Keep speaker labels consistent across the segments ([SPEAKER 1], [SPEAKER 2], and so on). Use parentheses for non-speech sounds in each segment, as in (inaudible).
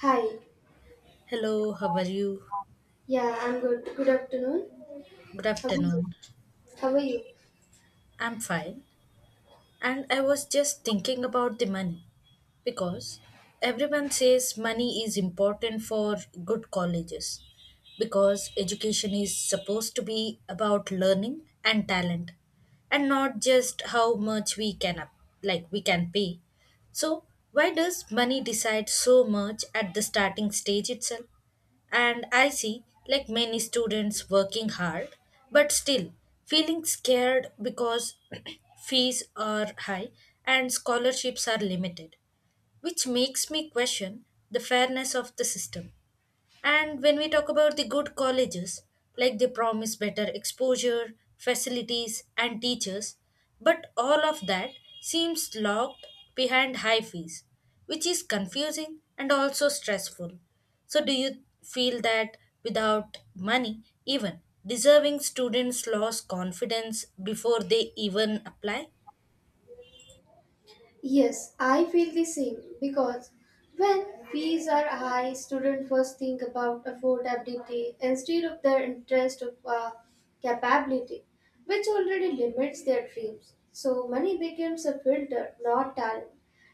[SPEAKER 1] Hi.
[SPEAKER 2] Hello, how are you?
[SPEAKER 1] Yeah, I'm good. Good afternoon.
[SPEAKER 2] Good
[SPEAKER 1] How are you?
[SPEAKER 2] afternoon.
[SPEAKER 1] How are you?
[SPEAKER 2] I'm fine. And I was just thinking about the money because everyone says money is important for good colleges because education is supposed to be about learning and talent and not just how much we can like we can pay. So, why does money decide so much at the starting stage itself? And I see, like many students, working hard, but still feeling scared because (clears throat) fees are high and scholarships are limited, which makes me question the fairness of the system. And when we talk about the good colleges, like they promise better exposure, facilities, and teachers, but all of that seems locked behind high fees, which is confusing and also stressful. So, do you feel that without money, even deserving students lose confidence before they even apply?
[SPEAKER 1] Yes, I feel the same because when fees are high, students first think about affordability instead of their interest of capability, which already limits their dreams. So money becomes a filter, not talent,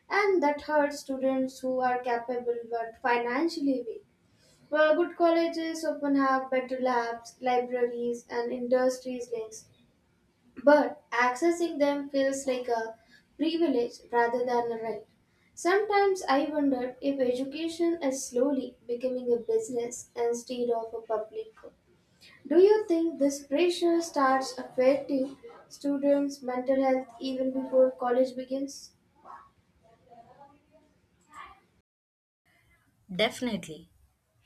[SPEAKER 1] and that hurts students who are capable but financially weak. Well, good colleges often have better labs, libraries, and industries links, but accessing them feels like a privilege rather than a right. Sometimes I wonder if education is slowly becoming a business instead of a public good. Do you think this pressure starts affecting students' mental health even before college begins?
[SPEAKER 2] Definitely.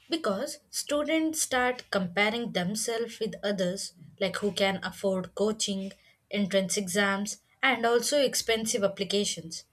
[SPEAKER 2] Because students start comparing themselves with others, like who can afford coaching, entrance exams, and also expensive applications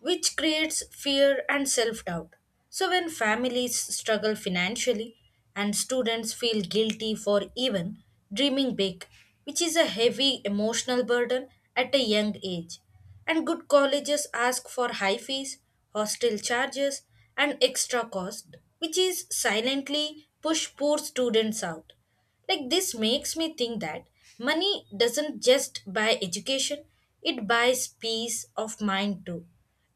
[SPEAKER 2] which creates fear and self doubt. So, when families struggle financially and students feel guilty for even dreaming big, which is a heavy emotional burden at a young age, and good colleges ask for high fees, hostel charges, and extra cost, which is silently push poor students out. Like this makes me think that money doesn't just buy education, it buys peace of mind too.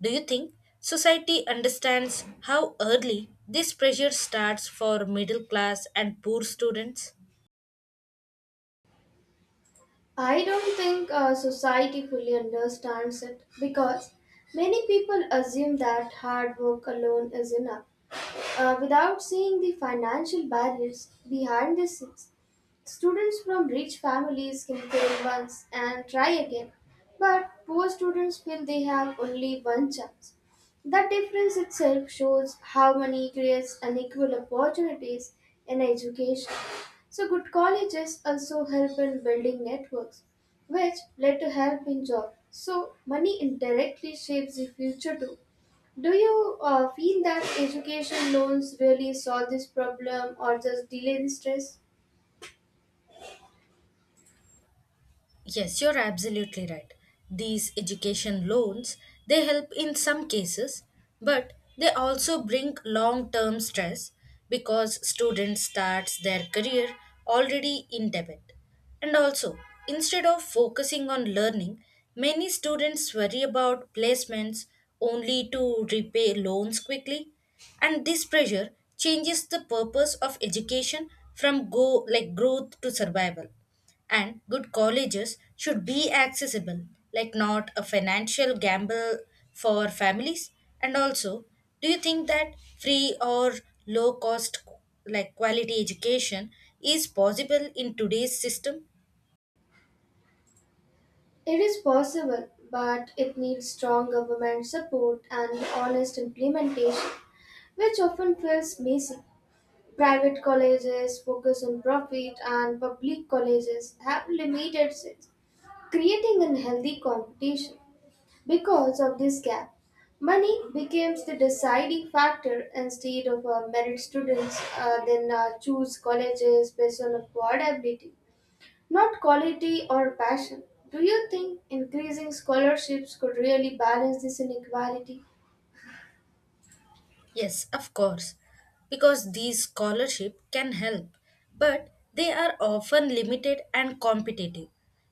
[SPEAKER 2] Do you think society understands how early this pressure starts for middle class and poor students?
[SPEAKER 1] I don't think society fully understands it because many people assume that hard work alone is enough without seeing the financial barriers behind the scenes. Students from rich families can fail once and try again, but poor students feel they have only one chance. That difference itself shows how money creates unequal opportunities in education. So, good colleges also help in building networks, which led to help in jobs. So, money indirectly shapes the future too. Do you feel that education loans really solve this problem or just delay the stress?
[SPEAKER 2] Yes, you're absolutely right. These education loans, they help in some cases, but they also bring long-term stress because students starts their career already in debt. And also, instead of focusing on learning, many students worry about placements only to repay loans quickly, and this pressure changes the purpose of education from go like growth to survival and good colleges should be accessible, like not a financial gamble for families. And also, do you think that free or low cost, like quality education, is possible in today's system?
[SPEAKER 1] It is possible, but it needs strong government support and honest implementation, which often feels messy. Private colleges focus on profit, and public colleges have limited seats, creating unhealthy competition. Because of this gap, money becomes the deciding factor instead of merit. Students then choose colleges based on affordability, not quality or passion. Do you think increasing scholarships could really balance this inequality?
[SPEAKER 2] Yes, of course, because these scholarships can help, but they are often limited and competitive,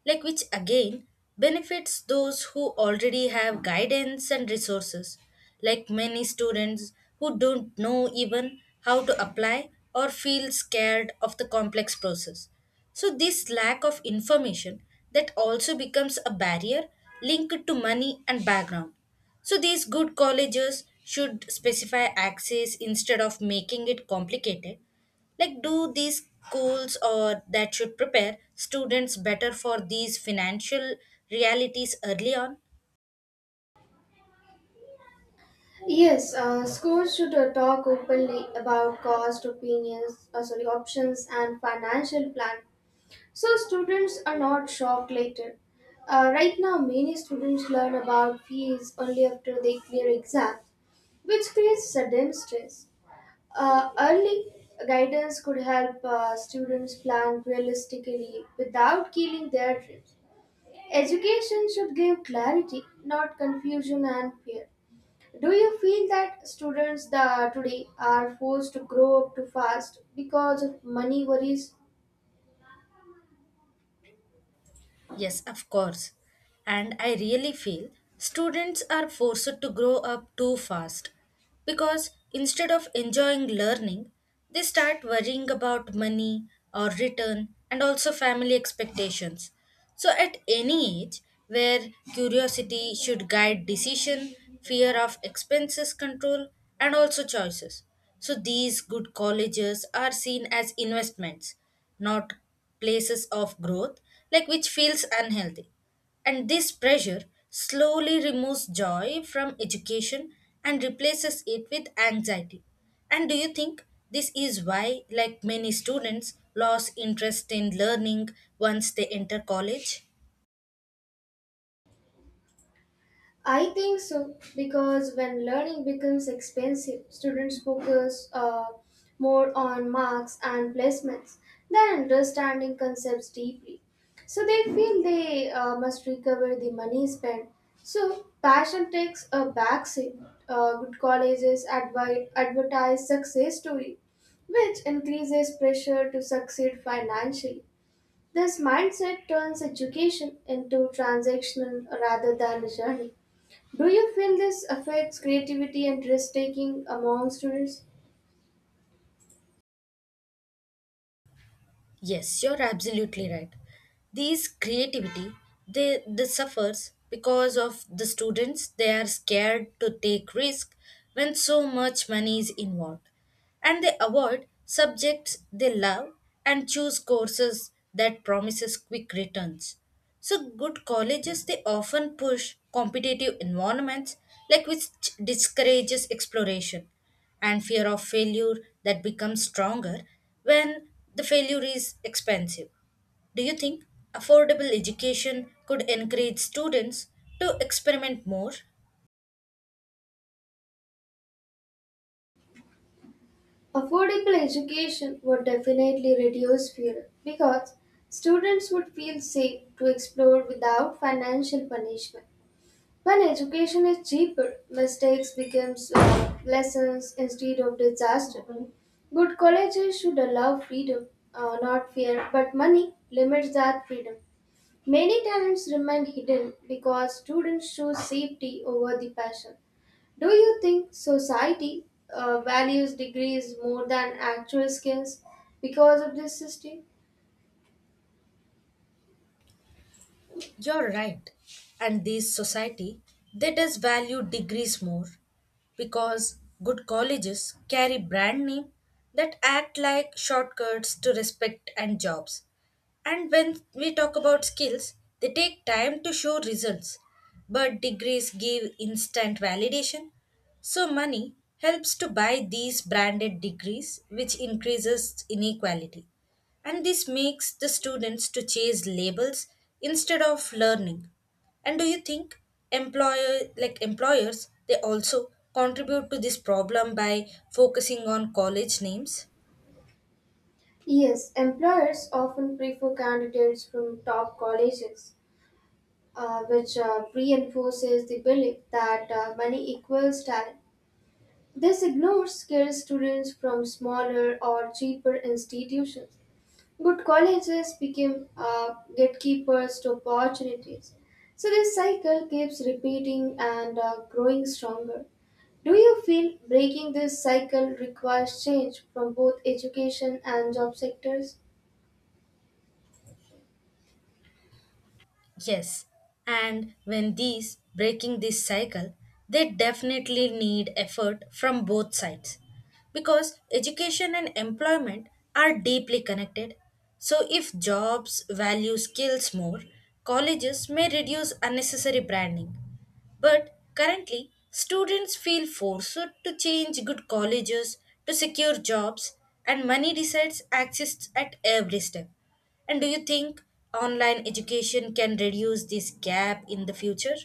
[SPEAKER 2] like which again benefits those who already have guidance and resources, like many students who don't know even how to apply or feel scared of the complex process. So, this lack of information that also becomes a barrier linked to money and background. So these good colleges should specify access instead of making it complicated. Like do these schools or that should prepare students better for these financial realities early on?
[SPEAKER 1] Yes, schools should talk openly about cost, options, and financial plan, so students are not shocked later. Right now, many students learn about fees only after they clear exams, which creates sudden stress. Early guidance could help students plan realistically without killing their dreams. Education should give clarity, not confusion and fear. Do you feel that students the today are forced to grow up too fast because of money worries?
[SPEAKER 2] Yes, of course. And I really feel students are forced to grow up too fast because instead of enjoying learning, they start worrying about money or return and also family expectations. So, at any age where curiosity should guide decision, fear of expenses control, and also choices. So, these good colleges are seen as investments, not places of growth, like which feels unhealthy. And this pressure slowly removes joy from education and replaces it with anxiety. And do you think this is why, like many students, lose interest in learning once they enter college?
[SPEAKER 1] I think so because when learning becomes expensive, students focus more on marks and placements than understanding concepts deeply. So they feel they must recover the money spent. So passion takes a backseat. Good colleges advertise success story, which increases pressure to succeed financially. This mindset turns education into transactional rather than a journey. Do you feel this affects creativity and risk taking among students?
[SPEAKER 2] Yes, you're absolutely right. These creativity they suffers because of the students they are scared to take risk when so much money is involved and they avoid subjects they love and choose courses that promises quick returns. So good colleges they often push competitive environments like which discourages exploration and fear of failure that becomes stronger when the failure is expensive. Do you think affordable education could encourage students to experiment more?
[SPEAKER 1] Affordable education would definitely reduce fear because students would feel safe to explore without financial punishment. When education is cheaper, mistakes becomes lessons instead of disaster. But colleges should allow freedom, not fear, but money limits that freedom. Many talents remain hidden because students choose safety over the passion. Do you think society values degrees more than actual skills because of this system?
[SPEAKER 2] You're right. And this society that does value degrees more because good colleges carry brand name that act like shortcuts to respect and jobs. And when we talk about skills, they take time to show results, but degrees give instant validation. So money helps to buy these branded degrees which increases inequality and this makes the students to chase labels instead of learning and do you think employers they also contribute to this problem by focusing on college names?
[SPEAKER 1] Yes, employers often prefer candidates from top colleges, which reinforces the belief that money equals talent. This ignores skilled students from smaller or cheaper institutions. Good colleges became gatekeepers to opportunities. So this cycle keeps repeating and growing stronger. Do you feel breaking this cycle requires change from both education and job sectors?
[SPEAKER 2] Yes, and when these breaking this cycle, they definitely need effort from both sides because education and employment are deeply connected. So, if jobs value skills more, colleges may reduce unnecessary branding. But currently, students feel forced to change good colleges to secure jobs, and money decides access at every step. And do you think online education can reduce this gap in the future?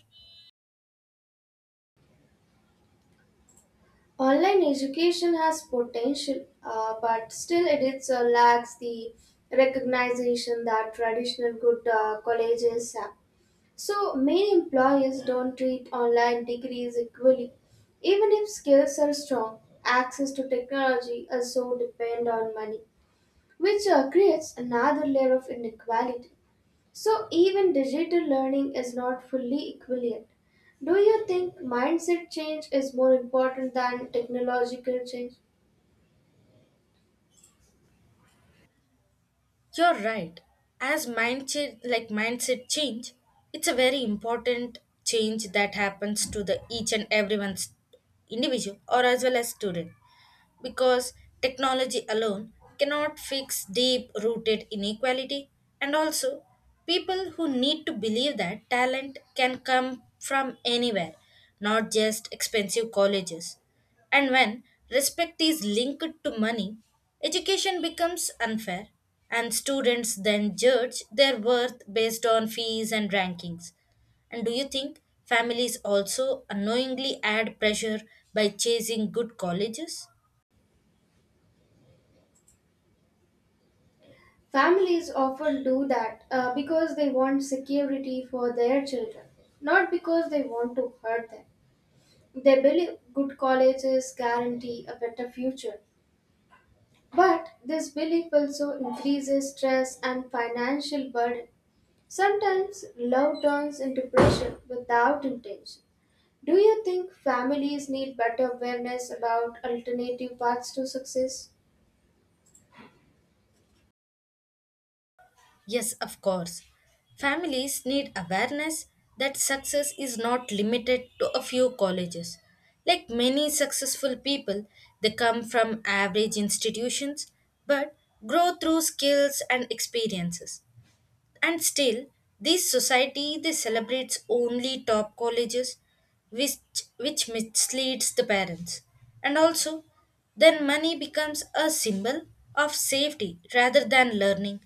[SPEAKER 1] Online education has potential, but still it is, lacks the recognition that traditional good colleges have. So many employers don't treat online degrees equally. Even if skills are strong, access to technology also depend on money, which creates another layer of inequality. So even digital learning is not fully equal yet. Do you think mindset change is more important than technological change?
[SPEAKER 2] You're right. As mindset change, it's a very important change that happens to the each and everyone's individual or as well as student because technology alone cannot fix deep rooted inequality and also people who need to believe that talent can come from anywhere not just expensive colleges. And when respect is linked to money, education becomes unfair, and students then judge their worth based on fees and rankings. And do you think families also unknowingly add pressure by chasing good colleges?
[SPEAKER 1] Families often do that because they want security for their children, not because they want to hurt them. They believe good colleges guarantee a better future. But this belief also increases stress and financial burden. Sometimes love turns into pressure without intention. Do you think families need better awareness about alternative paths to success?
[SPEAKER 2] Yes, of course. Families need awareness that success is not limited to a few colleges. Like many successful people, they come from average institutions but grow through skills and experiences. And still, this society they celebrates only top colleges, which which misleads the parents. And also, then money becomes a symbol of safety rather than learning.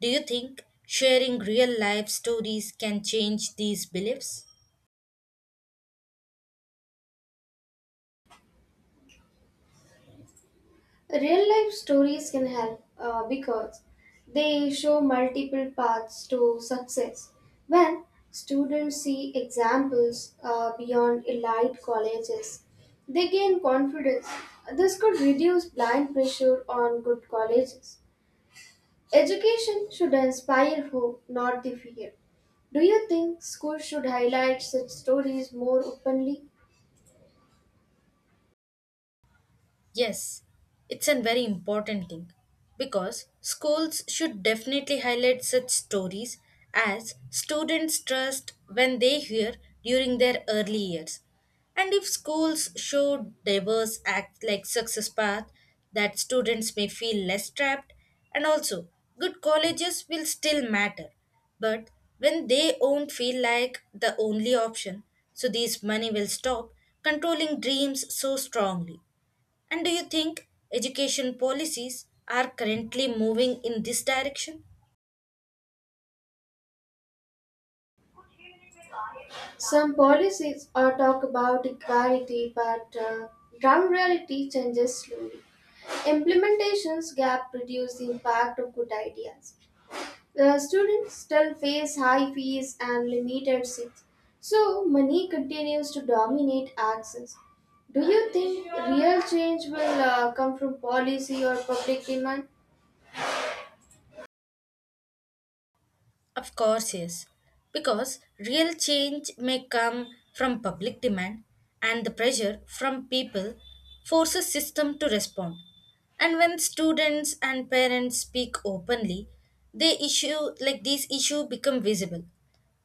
[SPEAKER 2] Do you think sharing real life stories can change these beliefs?
[SPEAKER 1] Real life stories can help because they show multiple paths to success. When students see examples beyond elite colleges, they gain confidence. This could reduce blind pressure on good colleges. Education should inspire hope, not the fear. Do you think schools should highlight such stories more openly?
[SPEAKER 2] Yes, it's a very important thing because schools should definitely highlight such stories as students trust when they hear during their early years. And if schools show diverse acts like success path that students may feel less trapped and also good colleges will still matter but when they won't feel like the only option so these money will stop controlling dreams so strongly. And do you think education policies are currently moving in this direction?
[SPEAKER 1] Some policies are talk about equality, but ground reality changes slowly. Implementations gap reduce the impact of good ideas. The students still face high fees and limited seats, so money continues to dominate access. Do you think real change will come from policy or public demand?
[SPEAKER 2] Of course, yes. Because real change may come from public demand and the pressure from people forces system to respond. And when students and parents speak openly, they issue like these issue become visible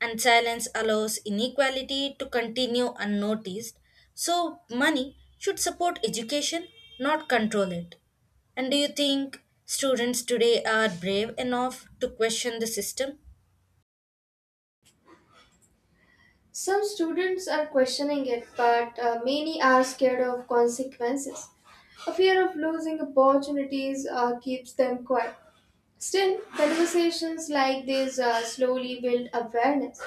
[SPEAKER 2] and silence allows inequality to continue unnoticed. So money should support education, not control it. And do you think students today are brave enough to question the system?
[SPEAKER 1] Some students are questioning it, but many are scared of consequences. A fear of losing opportunities keeps them quiet. Still, conversations like these slowly build awareness.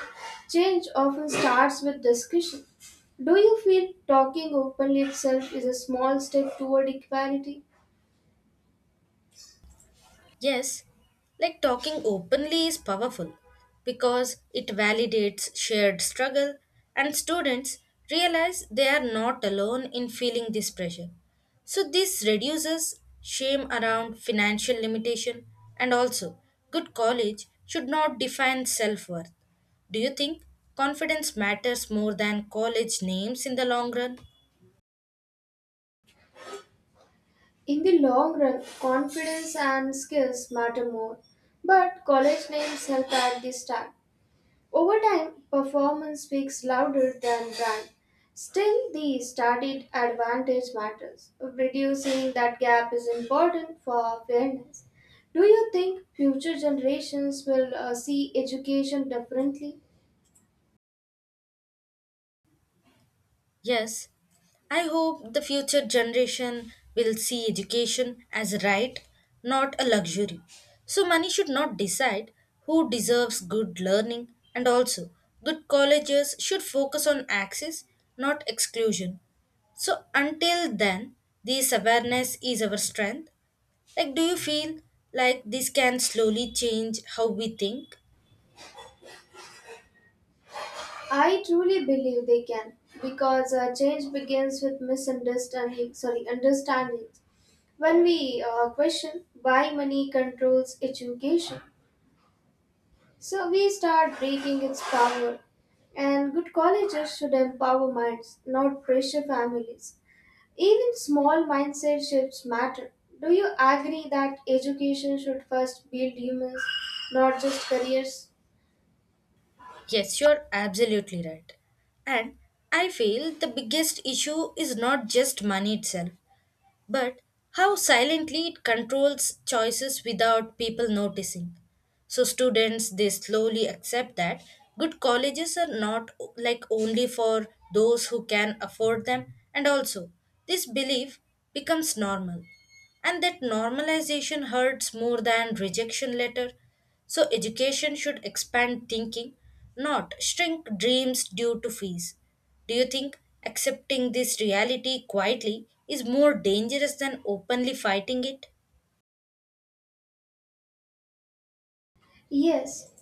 [SPEAKER 1] Change often starts with discussion. Do you feel talking openly itself is a small step toward equality?
[SPEAKER 2] Yes, like talking openly is powerful because it validates shared struggle and students realize they are not alone in feeling this pressure. So, this reduces shame around financial limitation and also good college should not define self worth. Do you think confidence matters more than college names in the long run?
[SPEAKER 1] In the long run, confidence and skills matter more, but college names help at the start. Over time, performance speaks louder than brand. Still, the studied advantage matters. Reducing that gap is important for fairness. Do you think future generations will see education differently?
[SPEAKER 2] Yes, I hope the future generation will see education as a right, not a luxury. So, money should not decide who deserves good learning, and also, good colleges should focus on access, not exclusion. So, until then, this awareness is our strength. Like, do you feel like this can slowly change how we think?
[SPEAKER 1] I truly believe they can because change begins with understanding. When we question why money controls education, so we start breaking its power. And good colleges should empower minds, not pressure families. Even small mindset shifts matter. Do you agree that education should first build humans, not just careers?
[SPEAKER 2] Yes, you're absolutely right. And I feel the biggest issue is not just money itself, but how silently it controls choices without people noticing. So students they slowly accept that good colleges are not only for those who can afford them and also this belief becomes normal and that normalization hurts more than rejection later. So education should expand thinking, not shrink dreams due to fees. Do you think accepting this reality quietly is more dangerous than openly fighting it?
[SPEAKER 1] Yes.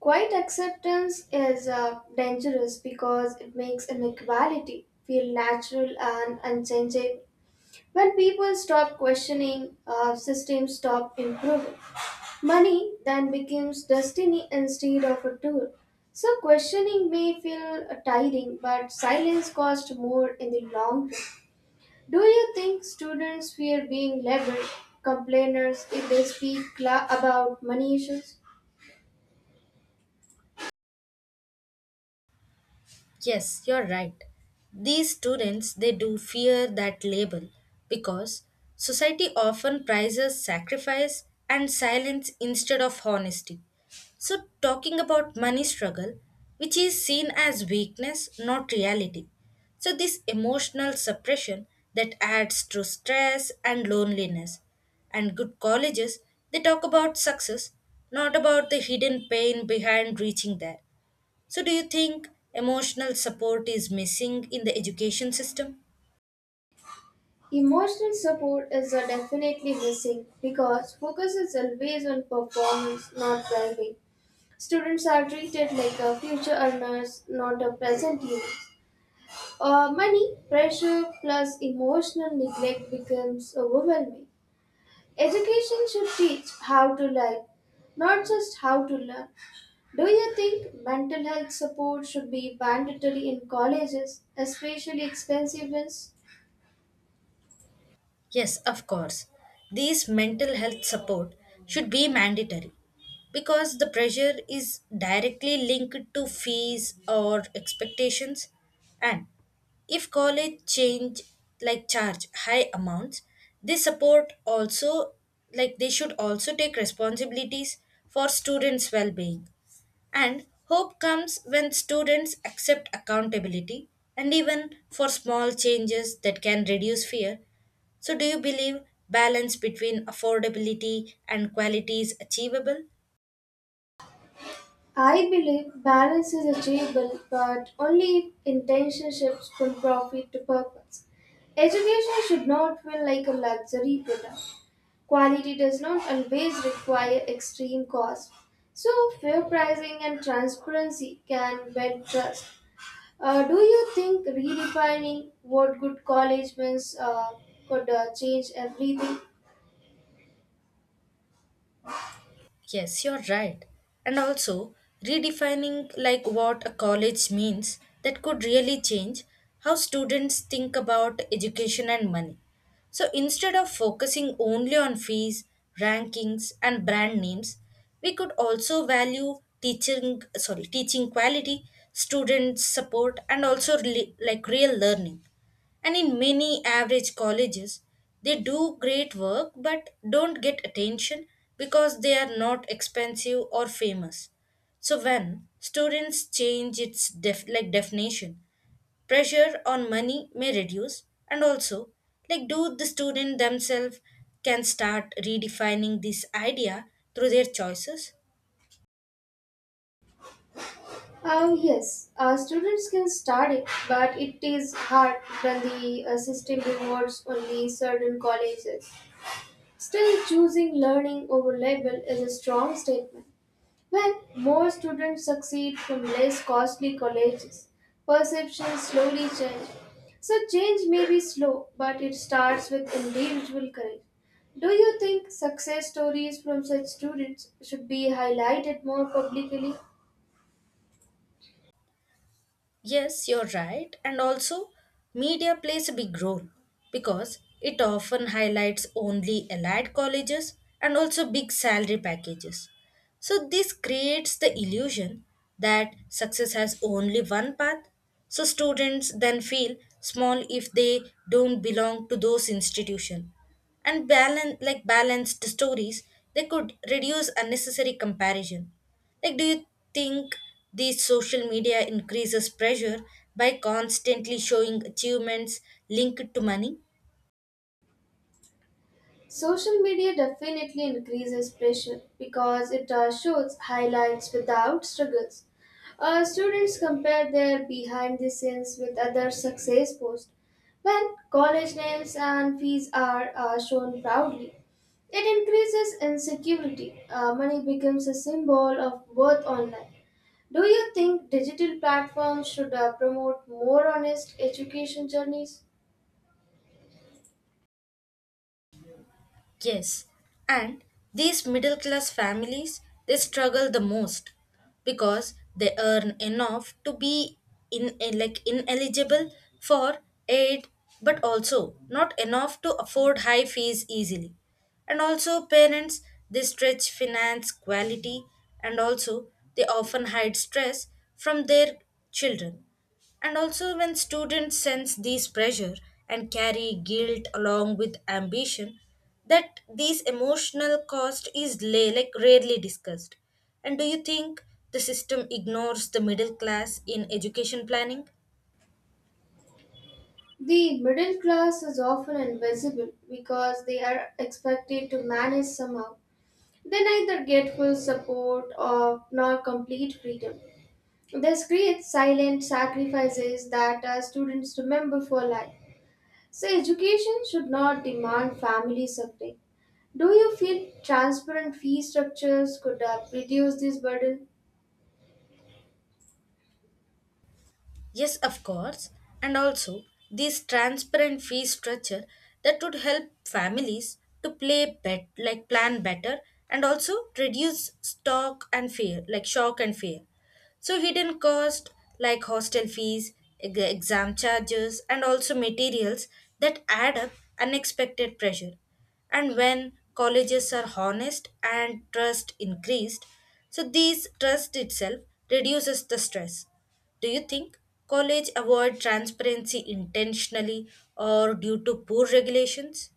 [SPEAKER 1] Quiet acceptance is dangerous because it makes inequality feel natural and unchangeable. When people stop questioning, systems stop improving. Money then becomes destiny instead of a tool. So questioning may feel tiring, but silence costs more in the long run. Do you think students fear being labeled complainers if they speak about money issues?
[SPEAKER 2] Yes, you're right. These students they do fear that label because society often prizes sacrifice and silence instead of honesty. So talking about money struggle, which is seen as weakness, not reality. So this emotional suppression that adds to stress and loneliness. And good colleges, they talk about success, not about the hidden pain behind reaching there. So, do you think emotional support is missing in the education system?
[SPEAKER 1] Emotional support is definitely missing because focus is always on performance, not well-being. Students are treated like a future earners, not a present users. Money, pressure, plus emotional neglect becomes overwhelming. Education should teach how to live, not just how to learn. Do you think mental health support should be mandatory in colleges, especially expensive ones?
[SPEAKER 2] Yes, of course. These mental health support should be mandatory because the pressure is directly linked to fees or expectations and if college change like charge high amounts they support also like they should also take responsibilities for students well being. And hope comes when students accept accountability and even for small changes that can reduce fear. So, do you believe balance between affordability and quality is achievable?
[SPEAKER 1] I believe balance is achievable, but only if intentionships from profit to purpose. Education should not feel like a luxury product. Quality does not always require extreme cost. So, fair pricing and transparency can build trust. Do you think redefining what good college means could change everything?
[SPEAKER 2] Yes, you're right. And also, redefining like what a college means that could really change how students think about education and money. So instead of focusing only on fees, rankings and brand names, we could also value teaching quality, student support and also real learning. And in many average colleges, they do great work but don't get attention because they are not expensive or famous. So when students change its definition, pressure on money may reduce and also like do the student themselves can start redefining this idea through their choices.
[SPEAKER 1] Yes, students can start it, but it is hard when the system rewards only certain colleges. Still, choosing learning over label is a strong statement. When more students succeed from less costly colleges, perceptions slowly change. So, change may be slow, but it starts with individual courage. Do you think success stories from such students should be highlighted more publicly?
[SPEAKER 2] Yes, you're right. And also, media plays a big role because it often highlights only elite colleges and also big salary packages. So, this creates the illusion that success has only one path. So, students then feel small if they don't belong to those institutions and balanced stories they could reduce unnecessary comparison. Like do you think these social media increases pressure by constantly showing achievements linked to money?
[SPEAKER 1] Social media definitely increases pressure because it shows highlights without struggles. Students compare their behind the scenes with other success posts when college names and fees are shown proudly. It increases insecurity. Money becomes a symbol of worth online. Do you think digital platforms should promote more honest education journeys?
[SPEAKER 2] Yes, and these middle class families they struggle the most because they earn enough to be in ineligible for aid but also not enough to afford high fees easily. And also parents they stretch finance quality and also they often hide stress from their children and also, when students sense this pressure and carry guilt along with ambition, that this emotional cost is rarely discussed. And do you think the system ignores the middle class in education planning?
[SPEAKER 1] The middle class is often invisible because they are expected to manage somehow. They neither get full support or nor complete freedom. This creates silent sacrifices that our students remember for life. So education should not demand family suffering. Do you feel transparent fee structures could reduce this burden?
[SPEAKER 2] Yes, of course. And also, this transparent fee structure that would help families to play bet like plan better and also reduce stock and fear like shock and fear. So hidden cost like hostel fees, exam charges, and also materials that add up unexpected pressure. And when colleges are honest and trust increased, so these trust itself reduces the stress. Do you think college avoid transparency intentionally or due to poor regulations?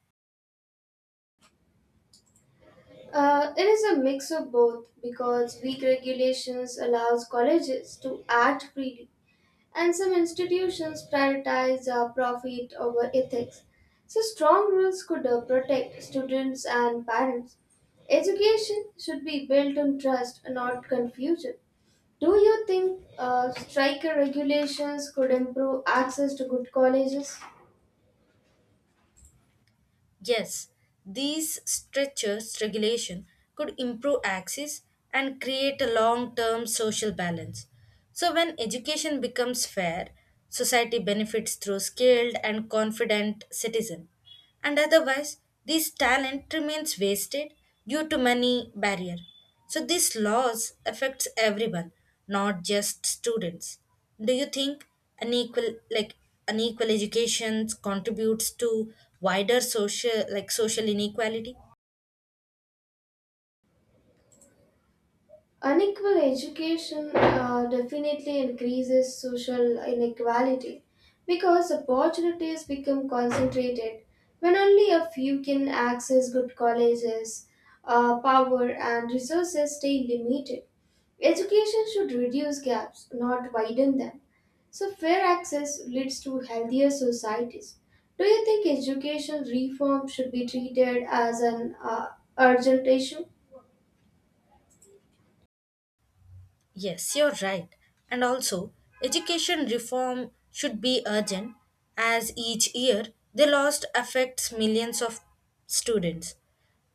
[SPEAKER 1] It is a mix of both because weak regulations allows colleges to act freely and some institutions prioritize profit over ethics. So, strong rules could protect students and parents. Education should be built on trust, not confusion. Do you think striker regulations could improve access to good colleges?
[SPEAKER 2] Yes, these stretchers regulation could improve access and create a long-term social balance. So when education becomes fair, society benefits through skilled and confident citizen. And otherwise, this talent remains wasted due to money barrier. So these laws affects everyone, not just students. Do you think unequal like unequal education contributes to wider social like social inequality?
[SPEAKER 1] Unequal education definitely increases social inequality because opportunities become concentrated when only a few can access good colleges, power, and resources stay limited. Education should reduce gaps, not widen them. So, fair access leads to healthier societies. Do you think education reform should be treated as an urgent issue?
[SPEAKER 2] Yes, you're right. And also, education reform should be urgent as each year the loss affects millions of students.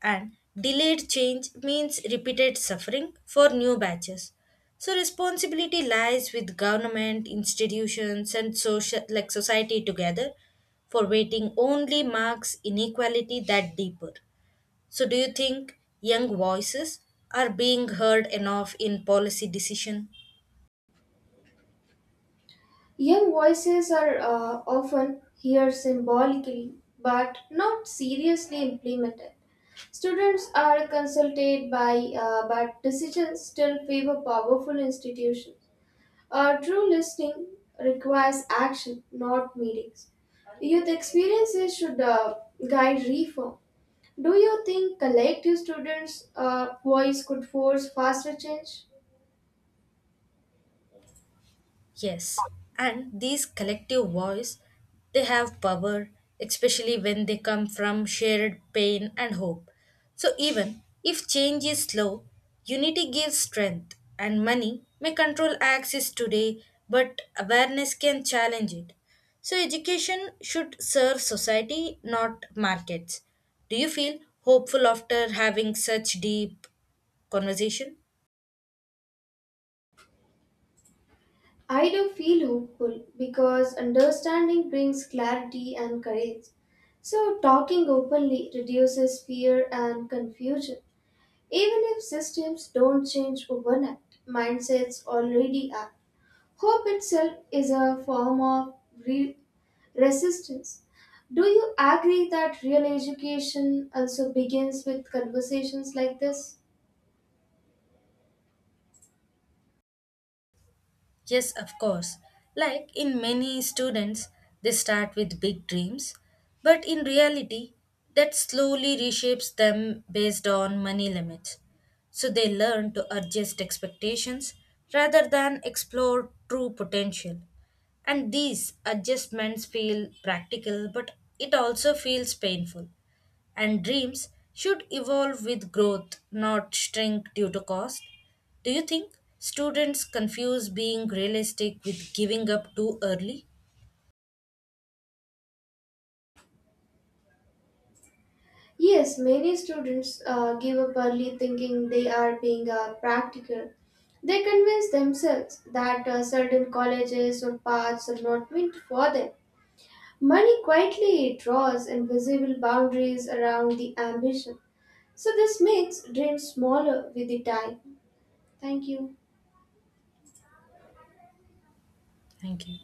[SPEAKER 2] And delayed change means repeated suffering for new batches. So responsibility lies with government, institutions and social like society together for waiting only marks inequality that deeper. So, do you think young voices are being heard enough in policy decision?
[SPEAKER 1] Young voices are often heard symbolically but not seriously implemented. Students are consulted by, but decisions still favor powerful institutions. True listening requires action, not meetings. Youth experiences should guide reform. Do you think collective students' voice could force faster change?
[SPEAKER 2] Yes, and these collective voice, they have power, especially when they come from shared pain and hope. So even if change is slow, unity gives strength, and money may control access today, but awareness can challenge it. So education should serve society, not markets. Do you feel hopeful after having such deep conversation?
[SPEAKER 1] I do feel hopeful because understanding brings clarity and courage. So, talking openly reduces fear and confusion. Even if systems don't change overnight, mindsets already are. Hope itself is a form of re- resistance. Do you agree that real education also begins with conversations like this?
[SPEAKER 2] Yes, of course. Like in many students, they start with big dreams, but in reality, that slowly reshapes them based on money limits. So they learn to adjust expectations rather than explore true potential. And these adjustments feel practical, but it also feels painful. And dreams should evolve with growth, not shrink due to cost. Do you think students confuse being realistic with giving up too early?
[SPEAKER 1] Yes, many students give up early thinking they are being practical. They convince themselves that certain colleges or paths are not meant for them. Money quietly draws invisible boundaries around the ambition. So, this makes dreams smaller with the time. Thank you.
[SPEAKER 2] Thank you.